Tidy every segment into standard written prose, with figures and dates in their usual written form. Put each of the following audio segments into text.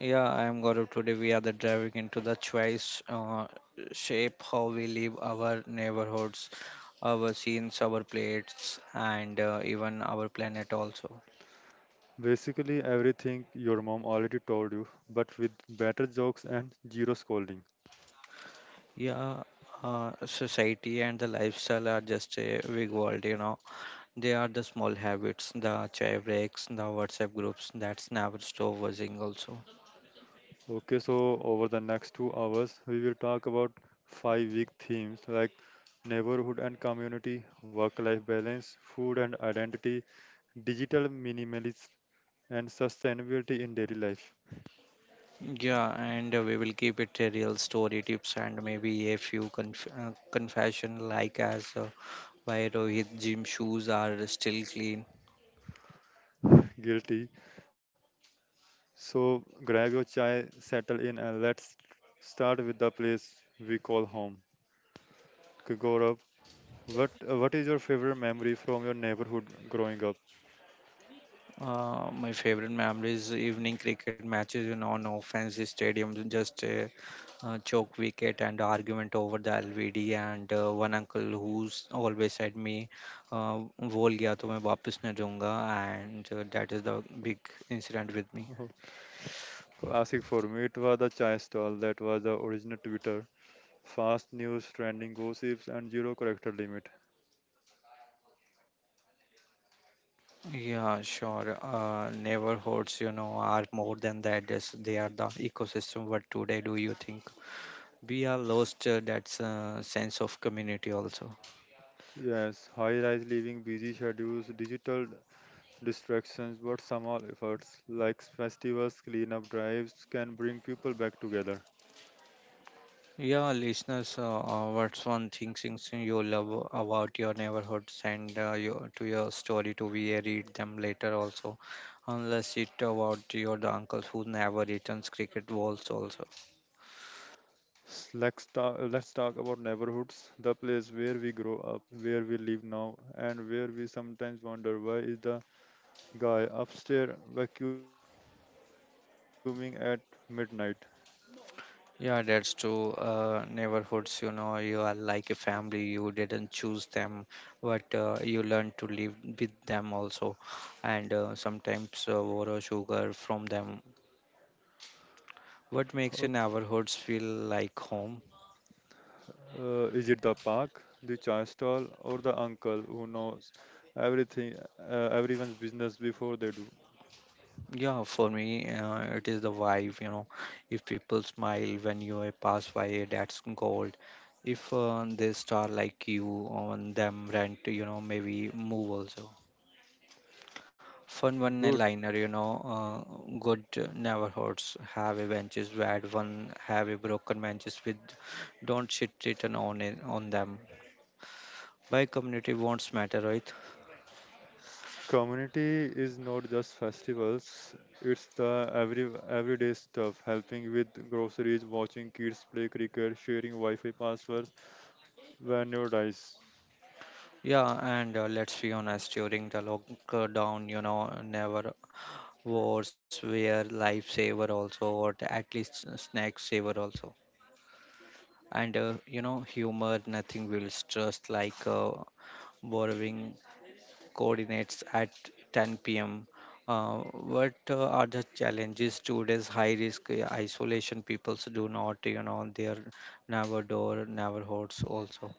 Yeah, I am Gaurav. Today we are the driving into the choice shape how we live our neighborhoods, our scenes, our plates, and even our planet also. Basically, everything your mom already told you, but with better jokes and zero scolding. Yeah, Society and the lifestyle are just a big world, you know. They are the small habits, the chai breaks, the WhatsApp groups that's never stopping also. Okay, so over the next 2 hours, we will talk about 5 week themes like neighborhood and community, work life balance, food and identity, digital minimalism, and sustainability in daily life. Yeah, and we will keep it a real story tips and maybe a few confession like as. Why Rohit gym shoes are still clean. Guilty. So grab your chai, settle in, and let's start with the place we call home. Okay, Gaurav, what is your favorite memory from your neighborhood growing up? My favorite memory is evening cricket matches in on no fancy stadium, just a choke wicket and argument over the LVD and one uncle who's always said me, uh, "बोल गया तो मैं वापस नहीं दूंगा," and that is the big incident with me. Classic for me, it was the chai stall that was the original Twitter. Fast news, trending gossips, and zero character limit. Yeah, sure. Neighborhoods, you know, are more than the address. They are the ecosystem. What today do you think? We are lost that sense of community also. Yes, high-rise living, busy schedules, digital distractions, but somehow efforts like festivals, cleanup drives can bring people back together. Yeah, listeners, what's one thing things you love about your neighborhood, send your to your story to we read them later also, unless it about your the uncles who never returns cricket balls also. Let's talk about neighborhoods, the place where we grow up, where we live now, and where we sometimes wonder why is the guy upstairs vacuuming at midnight. Yeah, that's true. Uh, neighborhoods, you know, you are like a family, you didn't choose them, but you learn to live with them also, and sometimes borrow sugar from them. What makes How your neighborhoods feel like home? Is it the park, the chai stall, or the uncle who knows everything, everyone's business before they do? Yeah, for me, it is the vibe, you know. If people smile when you pass by, that's gold. If they star like you on them rent, you know, maybe move also. Fun one Good. liner, you know, good neighborhoods have a benches where one have a broken benches with don't shit written on it on them. Why community wants matter, right? Community is not just festivals, it's the everyday stuff, helping with groceries, watching kids play cricket, sharing Wi-Fi passwords when you dies. Yeah, and let's be honest, during the lockdown, you know, never wars were lifesaver also, or at least snack saver also. And you know, humor, nothing will stress like borrowing coordinates at 10 p.m. Uh, what are the challenges today's high risk isolation peoples do not, you know, they're never door never hosts also.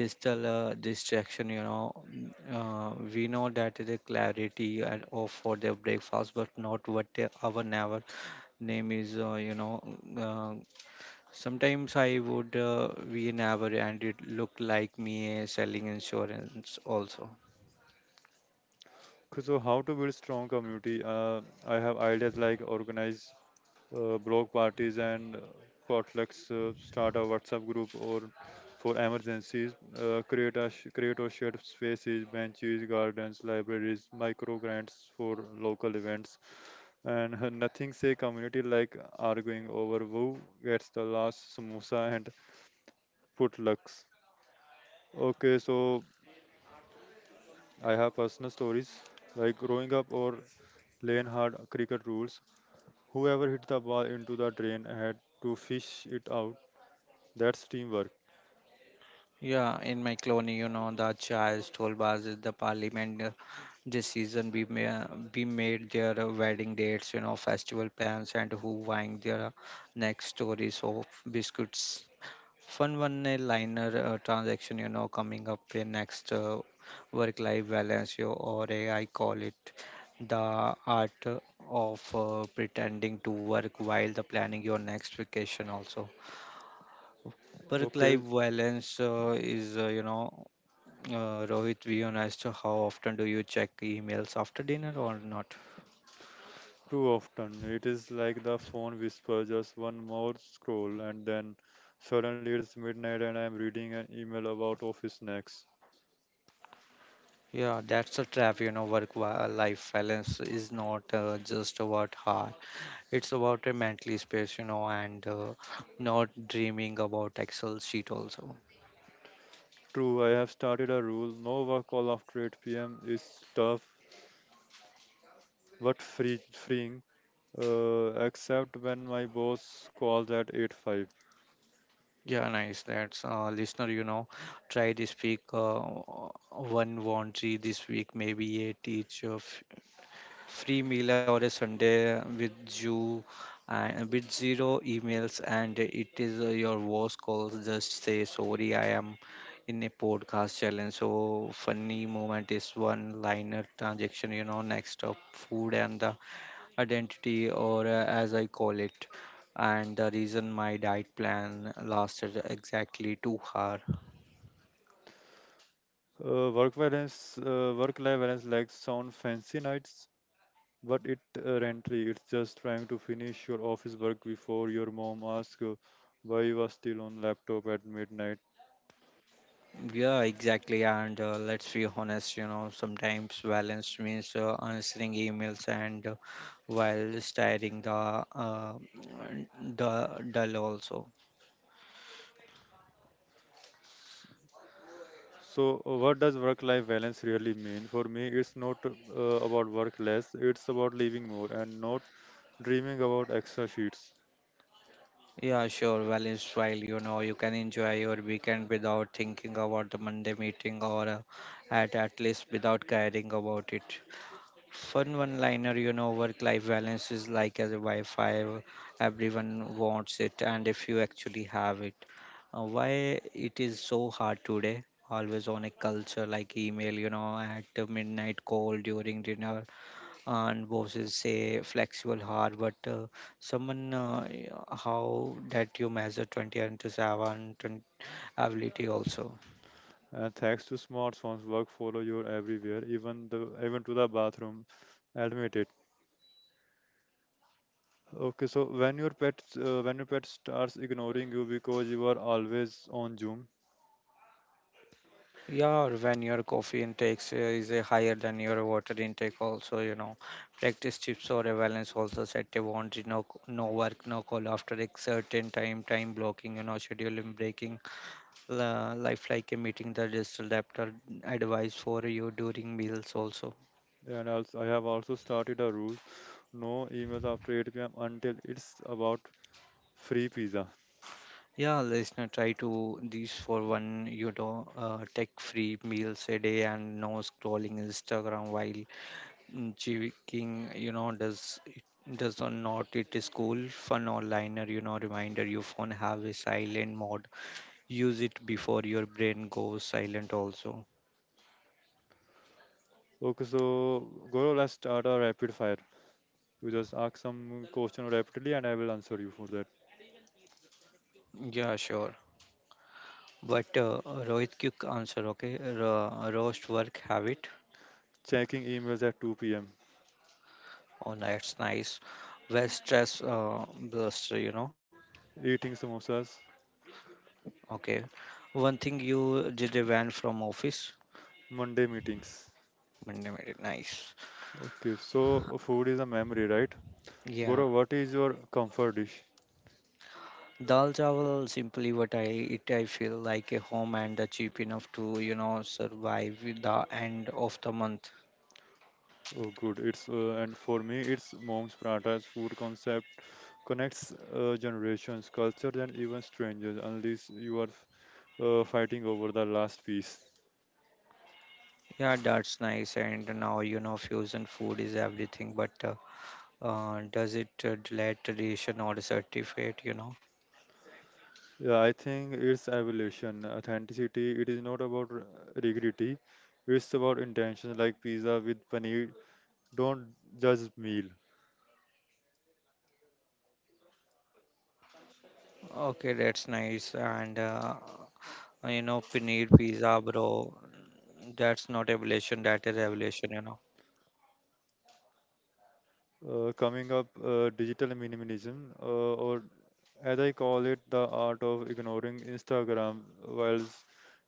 Digital distraction, you know, we know that the clarity and off for their breakfast but not what they, our never name is, you know, sometimes I would we never and it looked like me selling insurance also. So how to build strong community? I have ideas like organize block parties and potlucks, start a WhatsApp group or for emergencies, create a sh- create or shared spaces, benches, gardens, libraries, micro grants for local events, and nothing say community like arguing over who gets the last samosa and potlucks. Okay, so I have personal stories like growing up or playing hard cricket rules. Whoever hit the ball into the drain had to fish it out. That's teamwork. Yeah, in my colony, you know, the Charles told us is the parliament, this season we may we made their wedding dates, you know, festival plans and who buying their next stories of biscuits. Fun one liner transaction, you know, coming up in next work life balance, you or a, I call it the art of pretending to work while the planning your next vacation also. Work Okay, life balance is, you know, Rohit, we on as to how often do you check emails after dinner or not? too often. It is like the phone whisper, just one more scroll, and then suddenly it's midnight and I'm reading an email about office snacks. Yeah, that's a trap. You know, life balance is not just about hard. It's about a mentally space, you know, and not dreaming about Excel sheet also. True, I have started a rule no work call after 8 p.m. is tough but free, freeing, except when my boss calls at 8 5. Yeah, nice. That's listener, you know, try this week, one laundry this week, maybe a teacher free meal or a Sunday with you and with zero emails, and it is your voice calls just say sorry I am in a podcast challenge. So funny moment is one liner transaction, you know, next up food and the identity, or as I call it, and the reason my diet plan lasted exactly 2 hours. Work life balance like sound fancy nights, but it rentry, it's just trying to finish your office work before your mom asks why you are still on laptop at midnight. Yeah, exactly. And let's be honest, you know, sometimes balance means answering emails and while steering the dull also. S- So, what does work-life balance really mean? For me, it's not about work less; it's about living more and not dreaming about extra sheets. Yeah, sure. Balance while, you know, you can enjoy your weekend without thinking about the Monday meeting, or at least without caring about it. Fun one-liner, you know, work-life balance is like as a Wi-Fi. Everyone wants it, and if you actually have it, why it is so hard today? Always on a culture like email, you know, at the midnight call during dinner, and bosses say flexible hard, but someone how that you measure 20 and to 7 20 ability also. And thanks to smartphones, work follow you everywhere, even to the bathroom. Admit it. Okay, so when your pet starts ignoring you because you are always on Zoom. Yeah, when your coffee intake is higher than your water intake, also, you know, practice chips or a balance also, set a boundary, no, no work, no call after a certain time, time blocking, you know, scheduling, breaking, life like a meeting, the digital adapter advice for you during meals also. And also, I have also started a rule no emails after 8 p.m. until it's about free pizza. Yeah, listener, try to these for one, you know, tech free meals a day and no scrolling Instagram while King, you know, does it does or not, it is cool. Fun or liner, you know, reminder your phone have a silent mode. Use it before your brain goes silent also. Okay, so Goro, let's start a rapid fire. You just ask some question rapidly and I will answer you for that. Yeah, sure. But Rohit, quick answer, okay? Roast work habit. Checking emails at 2 p.m., Oh, that's nice. Well, stress buster, you know. eating samosas, Okay. One thing you did a van from office. Monday meetings. Nice. Okay, so food is a memory, right? Yeah. Goro, what is your comfort dish? Dal chawal, simply what I eat, I feel like a home, and cheap enough to, you know, survive with the end of the month. Oh, good. It's and for me, it's mom's prata's food concept connects generations, cultures, and even strangers. Unless you are fighting over the last piece. Yeah, that's nice. And now, you know, fusion food is everything, but does it delay tradition or certificate, you know? Yeah, I think it's evolution, authenticity. It is not about rigidity. It's about intention, like pizza with paneer. Don't judge meal. Okay, that's nice. And, you know, paneer pizza, bro, that's not evolution, that is evolution, you know. Coming up, digital minimalism, or as I call it, the art of ignoring Instagram while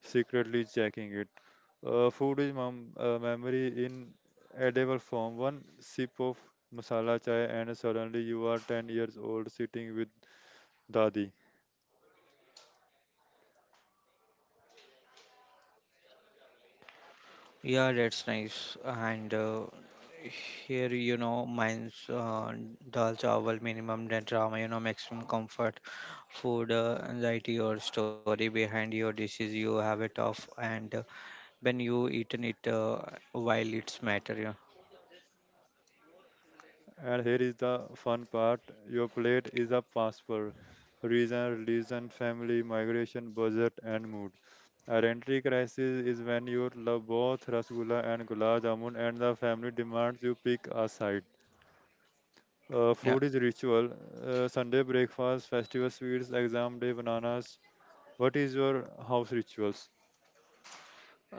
secretly checking it. Food is memory in edible form. One sip of masala chai, and suddenly you are 10 years old sitting with Dadi. Yeah, that's nice. And here, you know, mine's dal chawal, minimum net drama, you know, maximum comfort, food, anxiety, or story behind your dishes. You have it off, and when you eaten it while it's matter, yeah. And here is the fun part, your plate is a passport. Region, religion, family, migration, budget, and mood. Identity crisis is when you love both Rasgulla and Gulab Jamun, and the family demands you pick a side. Yeah, Food is ritual. Sunday breakfast, festival sweets, exam day bananas. What is your house rituals?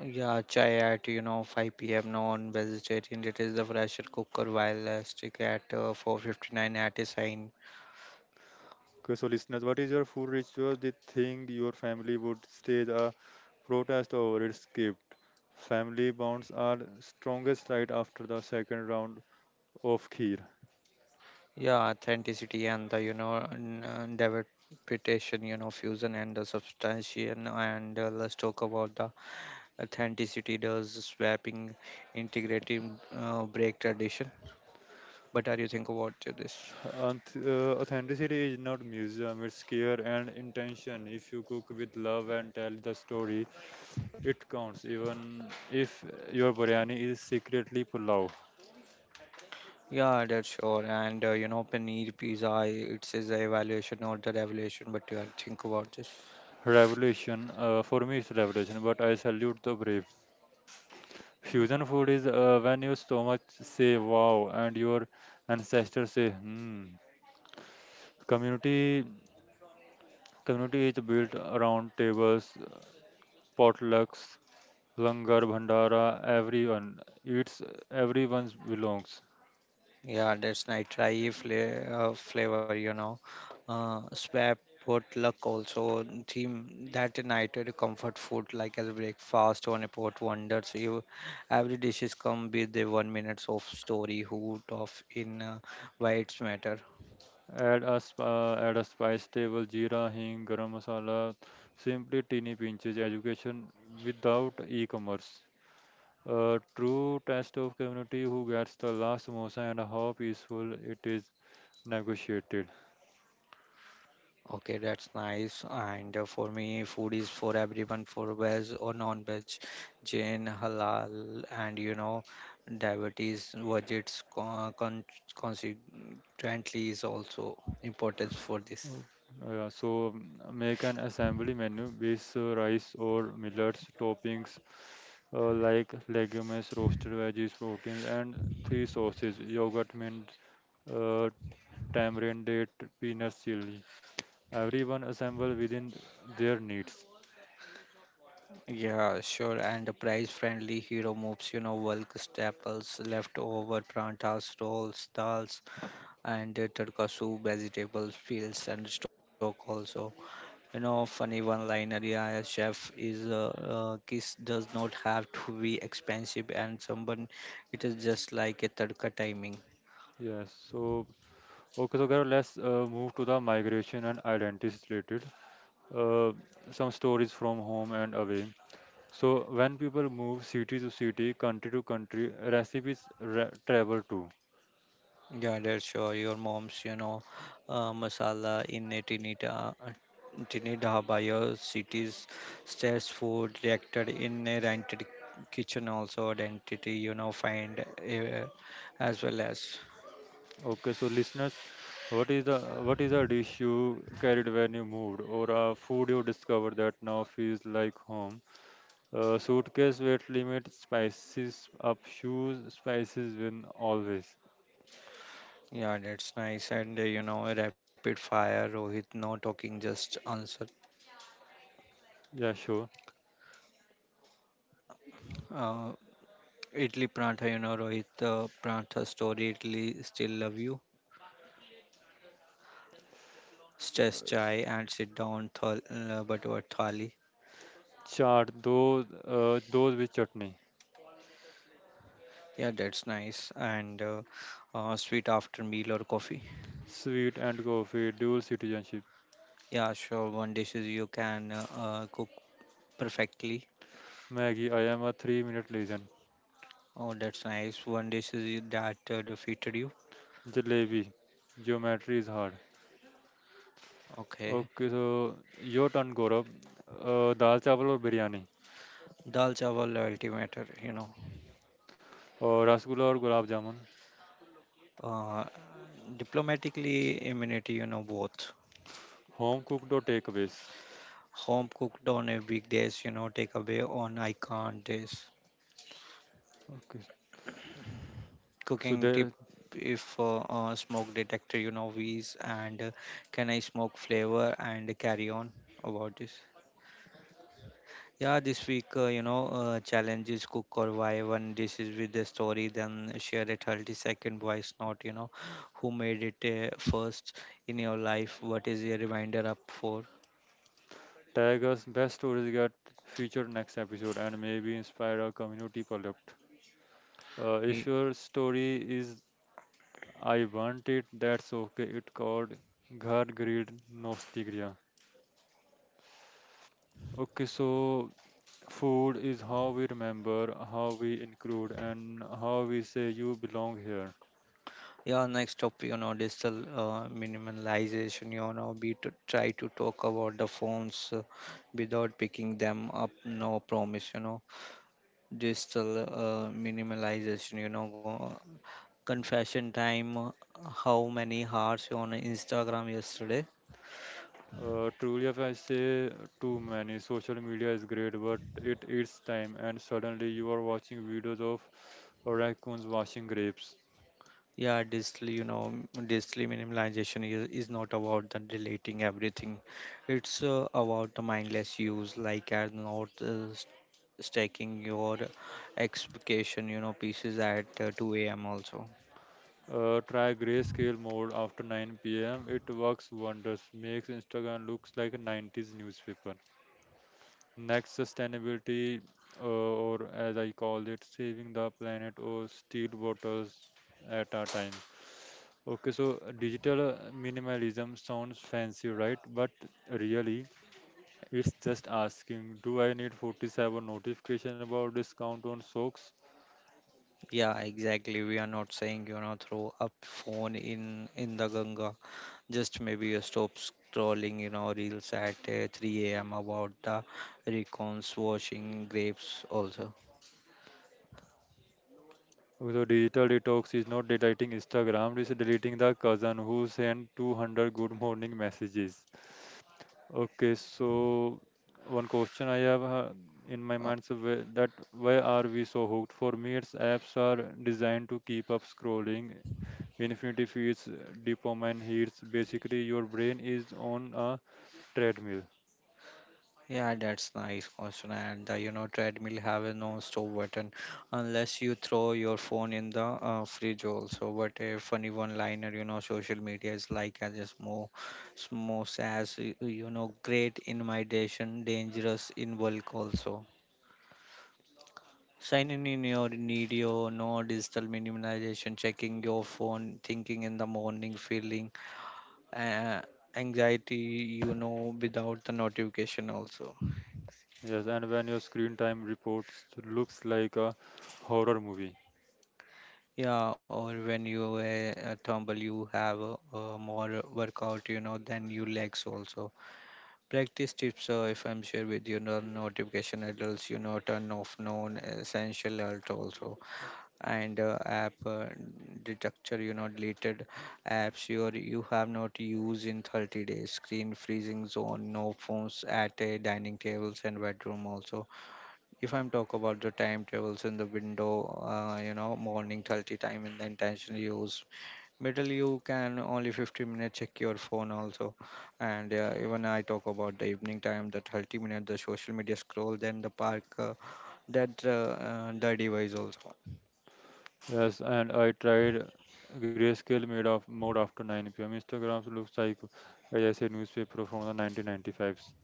yeah, chai at you know 5 p.m. non vegetarian. It is the pressure cooker while stick at 4:59 at a sign. Okay, so listeners, what is your food ritual? The thing your family would stage a protest over its script. Family bonds are strongest right after the second round of Kheer. Yeah, authenticity and the you know interpretation, you know, fusion and the substantiation. And let's talk about the authenticity. Does swapping, integrating, break tradition? What are you think about this? Authenticity is not museum, it's care and intention. If you cook with love and tell the story, it counts, even if your biryani is secretly pulao. Yeah, that's sure. And you know, paneer pizza. It says the evaluation, not the revelation. But you are think about this. Revolution, for me it's revolution, but I salute the brave. Fusion food is when your stomach say wow and your ancestors say hmm. Community Community is built around tables, potlucks, langar, bhandara. Everyone eats. Everyone belongs. Yeah, that's nitrile flavor, flavor, you know. Swap pot luck also theme that united comfort food like as breakfast on a port wonders you every dishes come with the 1 minutes of story hoot of in why it's matter. Add a spice table, jeera, hing, garam masala. Simply teeny pinches. Education without e-commerce. A true test of community who gets the last samosa and how peaceful it is negotiated. Okay, that's nice. And for me, food is for everyone, for veg or non-veg, Jain, halal, and you know, diabetes, budgets, consequently is also importance for this. Oh, yeah, so make an assembly menu with rice or millets, toppings like legumes, roasted veggies, proteins, and three sauces: yogurt, mint, uh, tamarind, date, peanut chili. Everyone assemble within their needs. Yeah, sure. And the price-friendly hero moves, you know, bulk staples, leftover prantas, rolls, dals, and tadka soup, vegetables, fields, and stock also. You know, funny one line a chef is kiss does not have to be expensive, and someone it is just like a tadka timing. Yes. So, Gaurav, let's move to the migration and identities related. Uh, some stories from home and away. So when people move city to city, country to country, recipes travel too. Yeah, that's sure. Your mom's, you know, masala in a teeny dhaba. Your city's stress food reacted in a rented kitchen also identity. You know, find as well as. Okay, so listeners, what is the what is a dish you carried when you moved, or a food you discovered that now feels like home? Suitcase weight limit, spices up, shoes, spices win always. Yeah, that's nice. And you know, rapid fire, Rohit, no talking, just answer. Yeah, sure. Uh, Idli Prantha, you know, Rohit, the Prantha story, Idli still love you. Stress chai and sit down, thal, but what thali. Chaat, those with chutney, Yeah, that's nice. And sweet after meal or coffee. sweet and coffee, dual citizenship. Yeah, sure. One dishes you can cook perfectly. Maggie, I am a three-minute legend. Oh, that's nice. One dishes you- that defeated you. Jalebi, geometry is hard. Okay. Okay, so your turn, Gaurav. Dal chawal or biryani? Dal chawal loyalty matter, you know. Or rasgulla or gulab jamun? Uh, diplomatically immunity, you know, both. Home cooked or takeaways? Home cooked on a weekdays, you know, take away on I can't days. Okay. So Cooking tip, they if smoke detector, you know, V's and can I smoke flavor and carry on about this. Yeah, this week, you know, challenge cook or why one dishes with the story, then share a 30-second voice note, you know, who made it first in your life, what is your reminder up for? tag us best stories get featured next episode and maybe inspire our community product. If your story is I want it, that's okay. It called Ghar Greed Nostigria. Okay, so food is how we remember, how we include, and how we say you belong here. Yeah, next topic, you know, digital minimalization. You know, we to try to talk about the phones without picking them up. No promise, you know. Digital minimalization. You know, confession time. Uh, how many hearts on Instagram yesterday? Truly, if I say too many, social media is great, but it eats time, and suddenly you are watching videos of raccoons washing grapes. Yeah, digital, you know, digital minimalization is not about the deleting everything. It's about the mindless use, like as not stacking your expectation, you know, pieces at 2 a.m. also. Try grayscale mode after 9 pm. It works wonders. Makes Instagram looks like a 90s newspaper. Next, sustainability, uh, or as I call it, saving the planet or steel bottles at a time. Okay, so digital minimalism sounds fancy, right? But really, it's just asking, do I need 47 notification about discount on socks? Yeah, exactly. We are not saying, you know, throw up phone in the Ganga. Just maybe you stop scrolling, you know, reels at 3 a.m. about the recons washing grapes also. So digital detox is not deleting Instagram, it's deleting the cousin who sent 200 good morning messages. Okay, so one question I have in my Uh, mind so wh- that why are we so hooked? For me, its apps are designed to keep up scrolling. Infinity feeds, dopamine hits. Basically, your brain is on a treadmill. Yeah, that's nice question. And the you know treadmill have a non-stop button unless you throw your phone in the fridge also. But a funny one-liner, social media is like as a small, small as great invitation, dangerous in bulk also. Signing in your video, no digital minimization, checking your phone, thinking in the morning, feeling uh, anxiety, without the notification also. Yes, and when your screen time reports looks like a horror movie. Yeah, or when you tumble, you have more workout, than your legs also. Practice tips, if I'm sure with notification alerts, turn off non essential alert also, and app detector, deleted apps you have not used in 30 days. Screen freezing zone, no phones at dining tables and bedroom also if I'm talk about the time travels in the window, morning 30 time in the intention use, middle you can only 15 minutes check your phone also, and even I talk about the evening time, the 30 minute the social media scroll, then the park, that the device also. Yes, and I tried grayscale made of mode after 9 p.m. Instagram looks like as I said newspaper from the 1995s.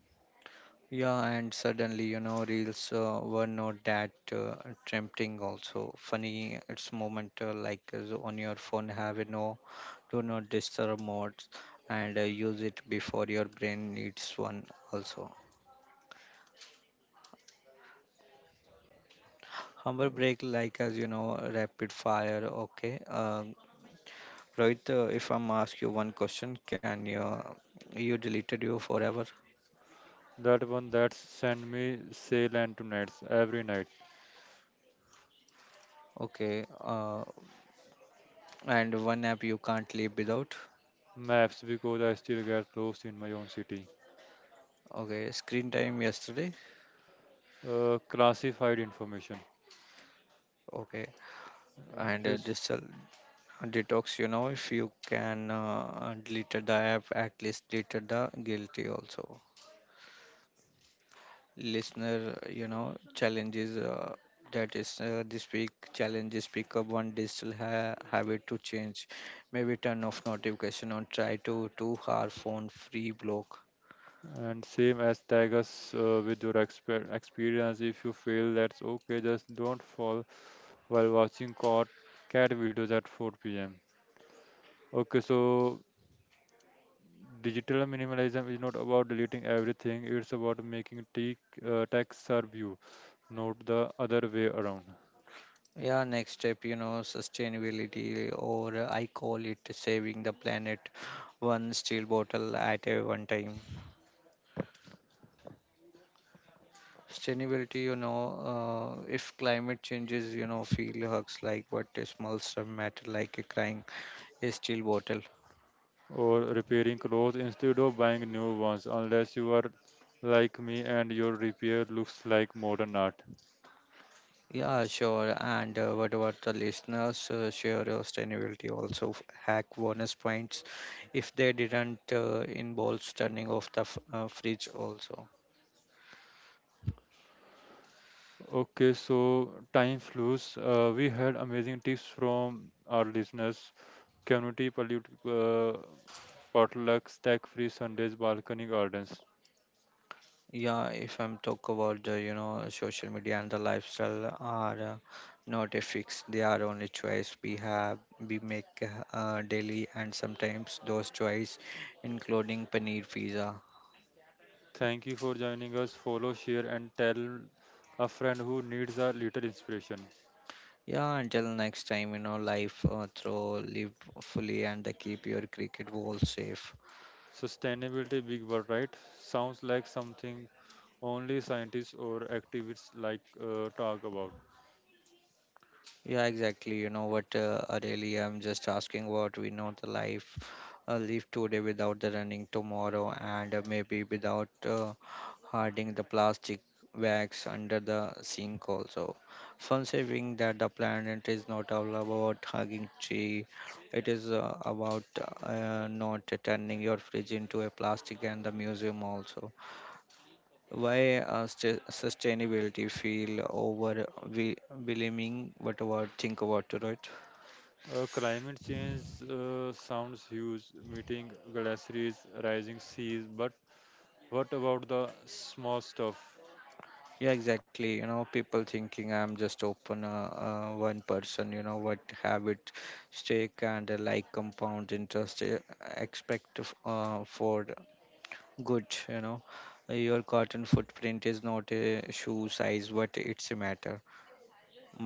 Yeah, and suddenly you know reels were not that tempting also. Funny, it's moment like on your phone have no Do not disturb modes and use it before your brain needs one also. Humble break like as you know rapid fire. Okay, Rohit, if I'm ask you one question, can you deleted you forever? That one that sent me sale and to nights every night. Okay, and one app you can't live without. Maps because I still get lost in my own city. Okay, screen time yesterday. Classified information. Okay, and Okay, this detox you know if you can delete the app at least delete the guilty also listener, challenges that is this week challenges pick up one digital habit to change. Maybe turn off notification on try to 2 hour phone free block. and same as tag us with your experience. If you fail, that's okay. Just don't fall while watching cat videos at 4 pm. Okay, so digital minimalism is not about deleting everything, it's about making tech serve you, not the other way around. Yeah, next step, sustainability or I call it saving the planet one steel bottle at a one time. Sustainability, if climate changes, feel hugs like, but the small stuff matter like a crying a steel bottle. Or repairing clothes instead of buying new ones, unless you are like me and your repair looks like modern art. Yeah, sure. And what about the listeners? Share your sustainability also hack bonus points if they didn't involve turning off the fridge also. Okay, so time flews. We had amazing tips from our listeners. Community pollute, potlucks, tech free Sundays, balcony gardens. Yeah, if I'm talk about the you know social media and the lifestyle are not a fix. They are only choice we have. We make daily and sometimes those choice, including paneer pizza. Thank you for joining us. Follow, share, and tell a friend who needs a little inspiration. Yeah, until next time, life throw, live fully, and keep your cricket ball safe. Sustainability, big word, right? Sounds like something only scientists or activists like talk about. Yeah, exactly. You know what, really, I'm just asking what we know the life. Live today without the running tomorrow, and maybe without hiding the plastic bags under the sink also. Fun saving that the planet is not all about hugging tree. It is about not turning your fridge into a plastic and the museum also. Why sustainability feel over? Overwhelming? What about think about it, right? Climate change sounds huge, meeting glaciers, rising seas, but what about the small stuff? Yeah, exactly. You know, people thinking I'm just open one person. You know what habit, stake and like compound interest expect for good. You know, your cotton footprint is not a shoe size, but it's a matter.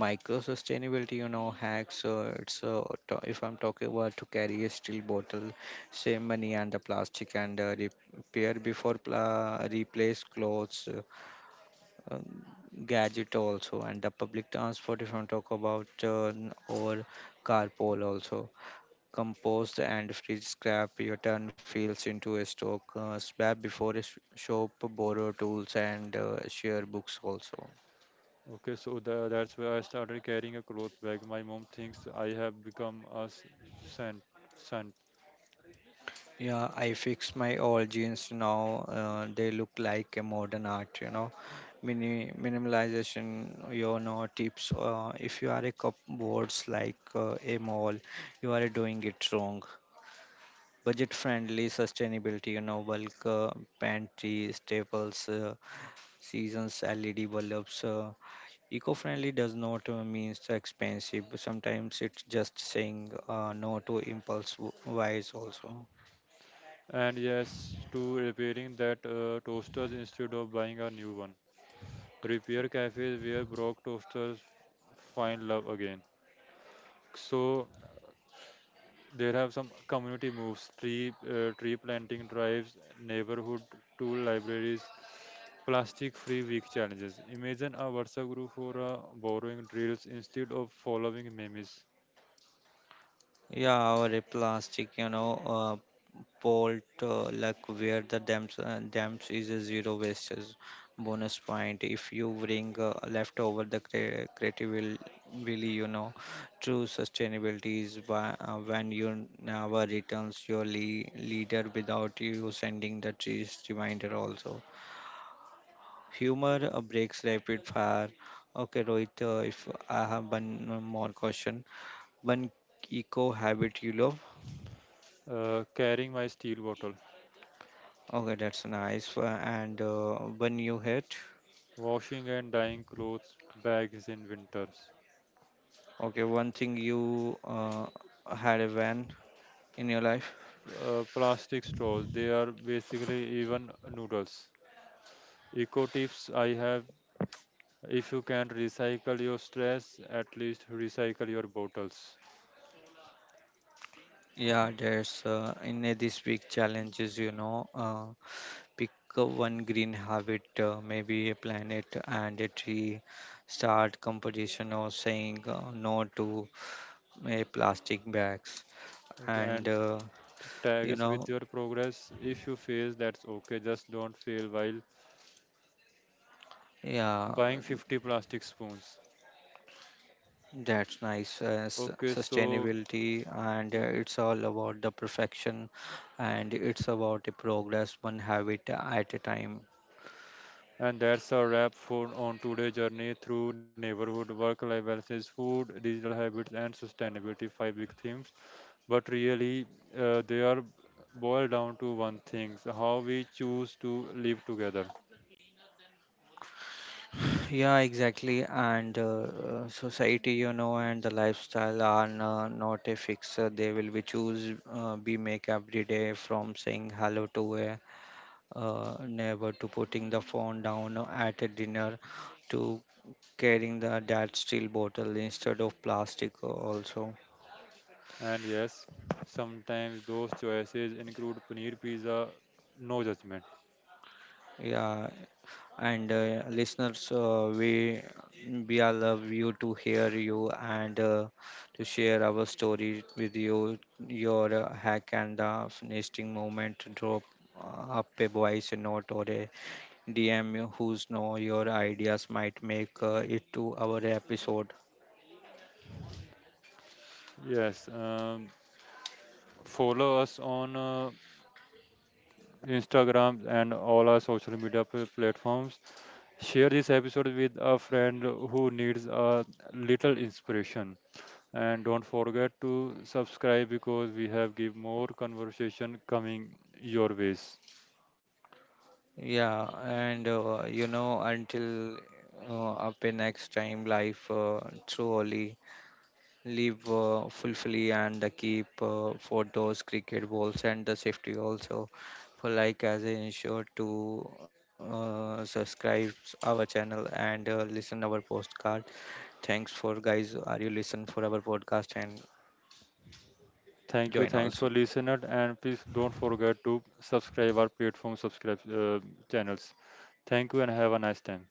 Micro sustainability you know hacks so it's if I'm talking about to carry a steel bottle save money and the plastic and repair before replace clothes uh, uh, gadget also and the public transport if I'm talk about or carpool also compost and free scrap your turn feels into a stock swap before a shop borrow tools and share books also. Okay, so that's where I started carrying a cloth bag. My mom thinks I have become a saint. Yeah, I fix my old jeans now. They look like a modern art, you know. Mini minimalization, tips. If you are a cupboards like a mall, you are doing it wrong. Budget friendly sustainability, bulk pantry, staples, seasons, LED bulbs. Eco friendly does not mean so expensive. Sometimes it's just saying no to impulse buys also. And yes, to repairing that toasters instead of buying a new one. Repair cafes where broke toasters find love again. So there have some community moves, tree planting drives, neighborhood tool libraries, plastic-free week challenges. Imagine a WhatsApp group for borrowing drills instead of following memes. Yeah, our plastic, port, like where the dams, dams is a zero waste is bonus point. If you bring leftover, the creative will, true sustainability is by, when you never returns your le leader without you sending the trees reminder also. Humor breaks rapid fire. Okay, Rohit, if I have one more question, one eco habit you love. Carrying my steel bottle, Okay, that's nice. And when you hit, washing and dyeing clothes bags in winters. okay, one thing you had a van in your life. Uh, plastic straws. They are basically even noodles. Eco tips I have if you can't recycle your stress, at least recycle your bottles. Yeah, there's these big challenges, pick a one green habit, maybe a planet and a tree, start competition or saying no to plastic bags, Okay, and and tag you us know, with your progress. If you fail, that's okay. Just don't fail while yeah. buying 50 plastic spoons. That's nice. Okay, so Sustainability, and it's all about the perfection, and it's about the progress one habit at a time. and that's a wrap for on today's journey through neighborhood work life balances, food, digital habits, and sustainability. Five big themes. But really, they are boiled down to one thing, so how we choose to live together. Yeah, exactly. And society, and the lifestyle are not a fix. They will be choose. We make every day from saying hello to a neighbor to putting the phone down at a dinner to carrying the that steel bottle instead of plastic also. And yes, sometimes those choices include paneer pizza, no judgment. Yeah, and listeners, we are love you to hear you and to share our story with you. Your hack and the nesting moment drop up a voice note or a DM. Who's know your ideas might make it to our episode. Yes, follow us on Instagram and all our social media platforms, share this episode with a friend who needs a little inspiration, and don't forget to subscribe because we have give more conversation coming your ways. Yeah, and you know until up a next time, life truly. Live fully and keep for those cricket balls and the safety also for like as I ensure to subscribe our channel and listen our postcard. Thanks for guys. Are you listen for our podcast and Thank you. join Thanks also. for listener and please don't forget to subscribe our platform subscribe channels. Thank you and have a nice time.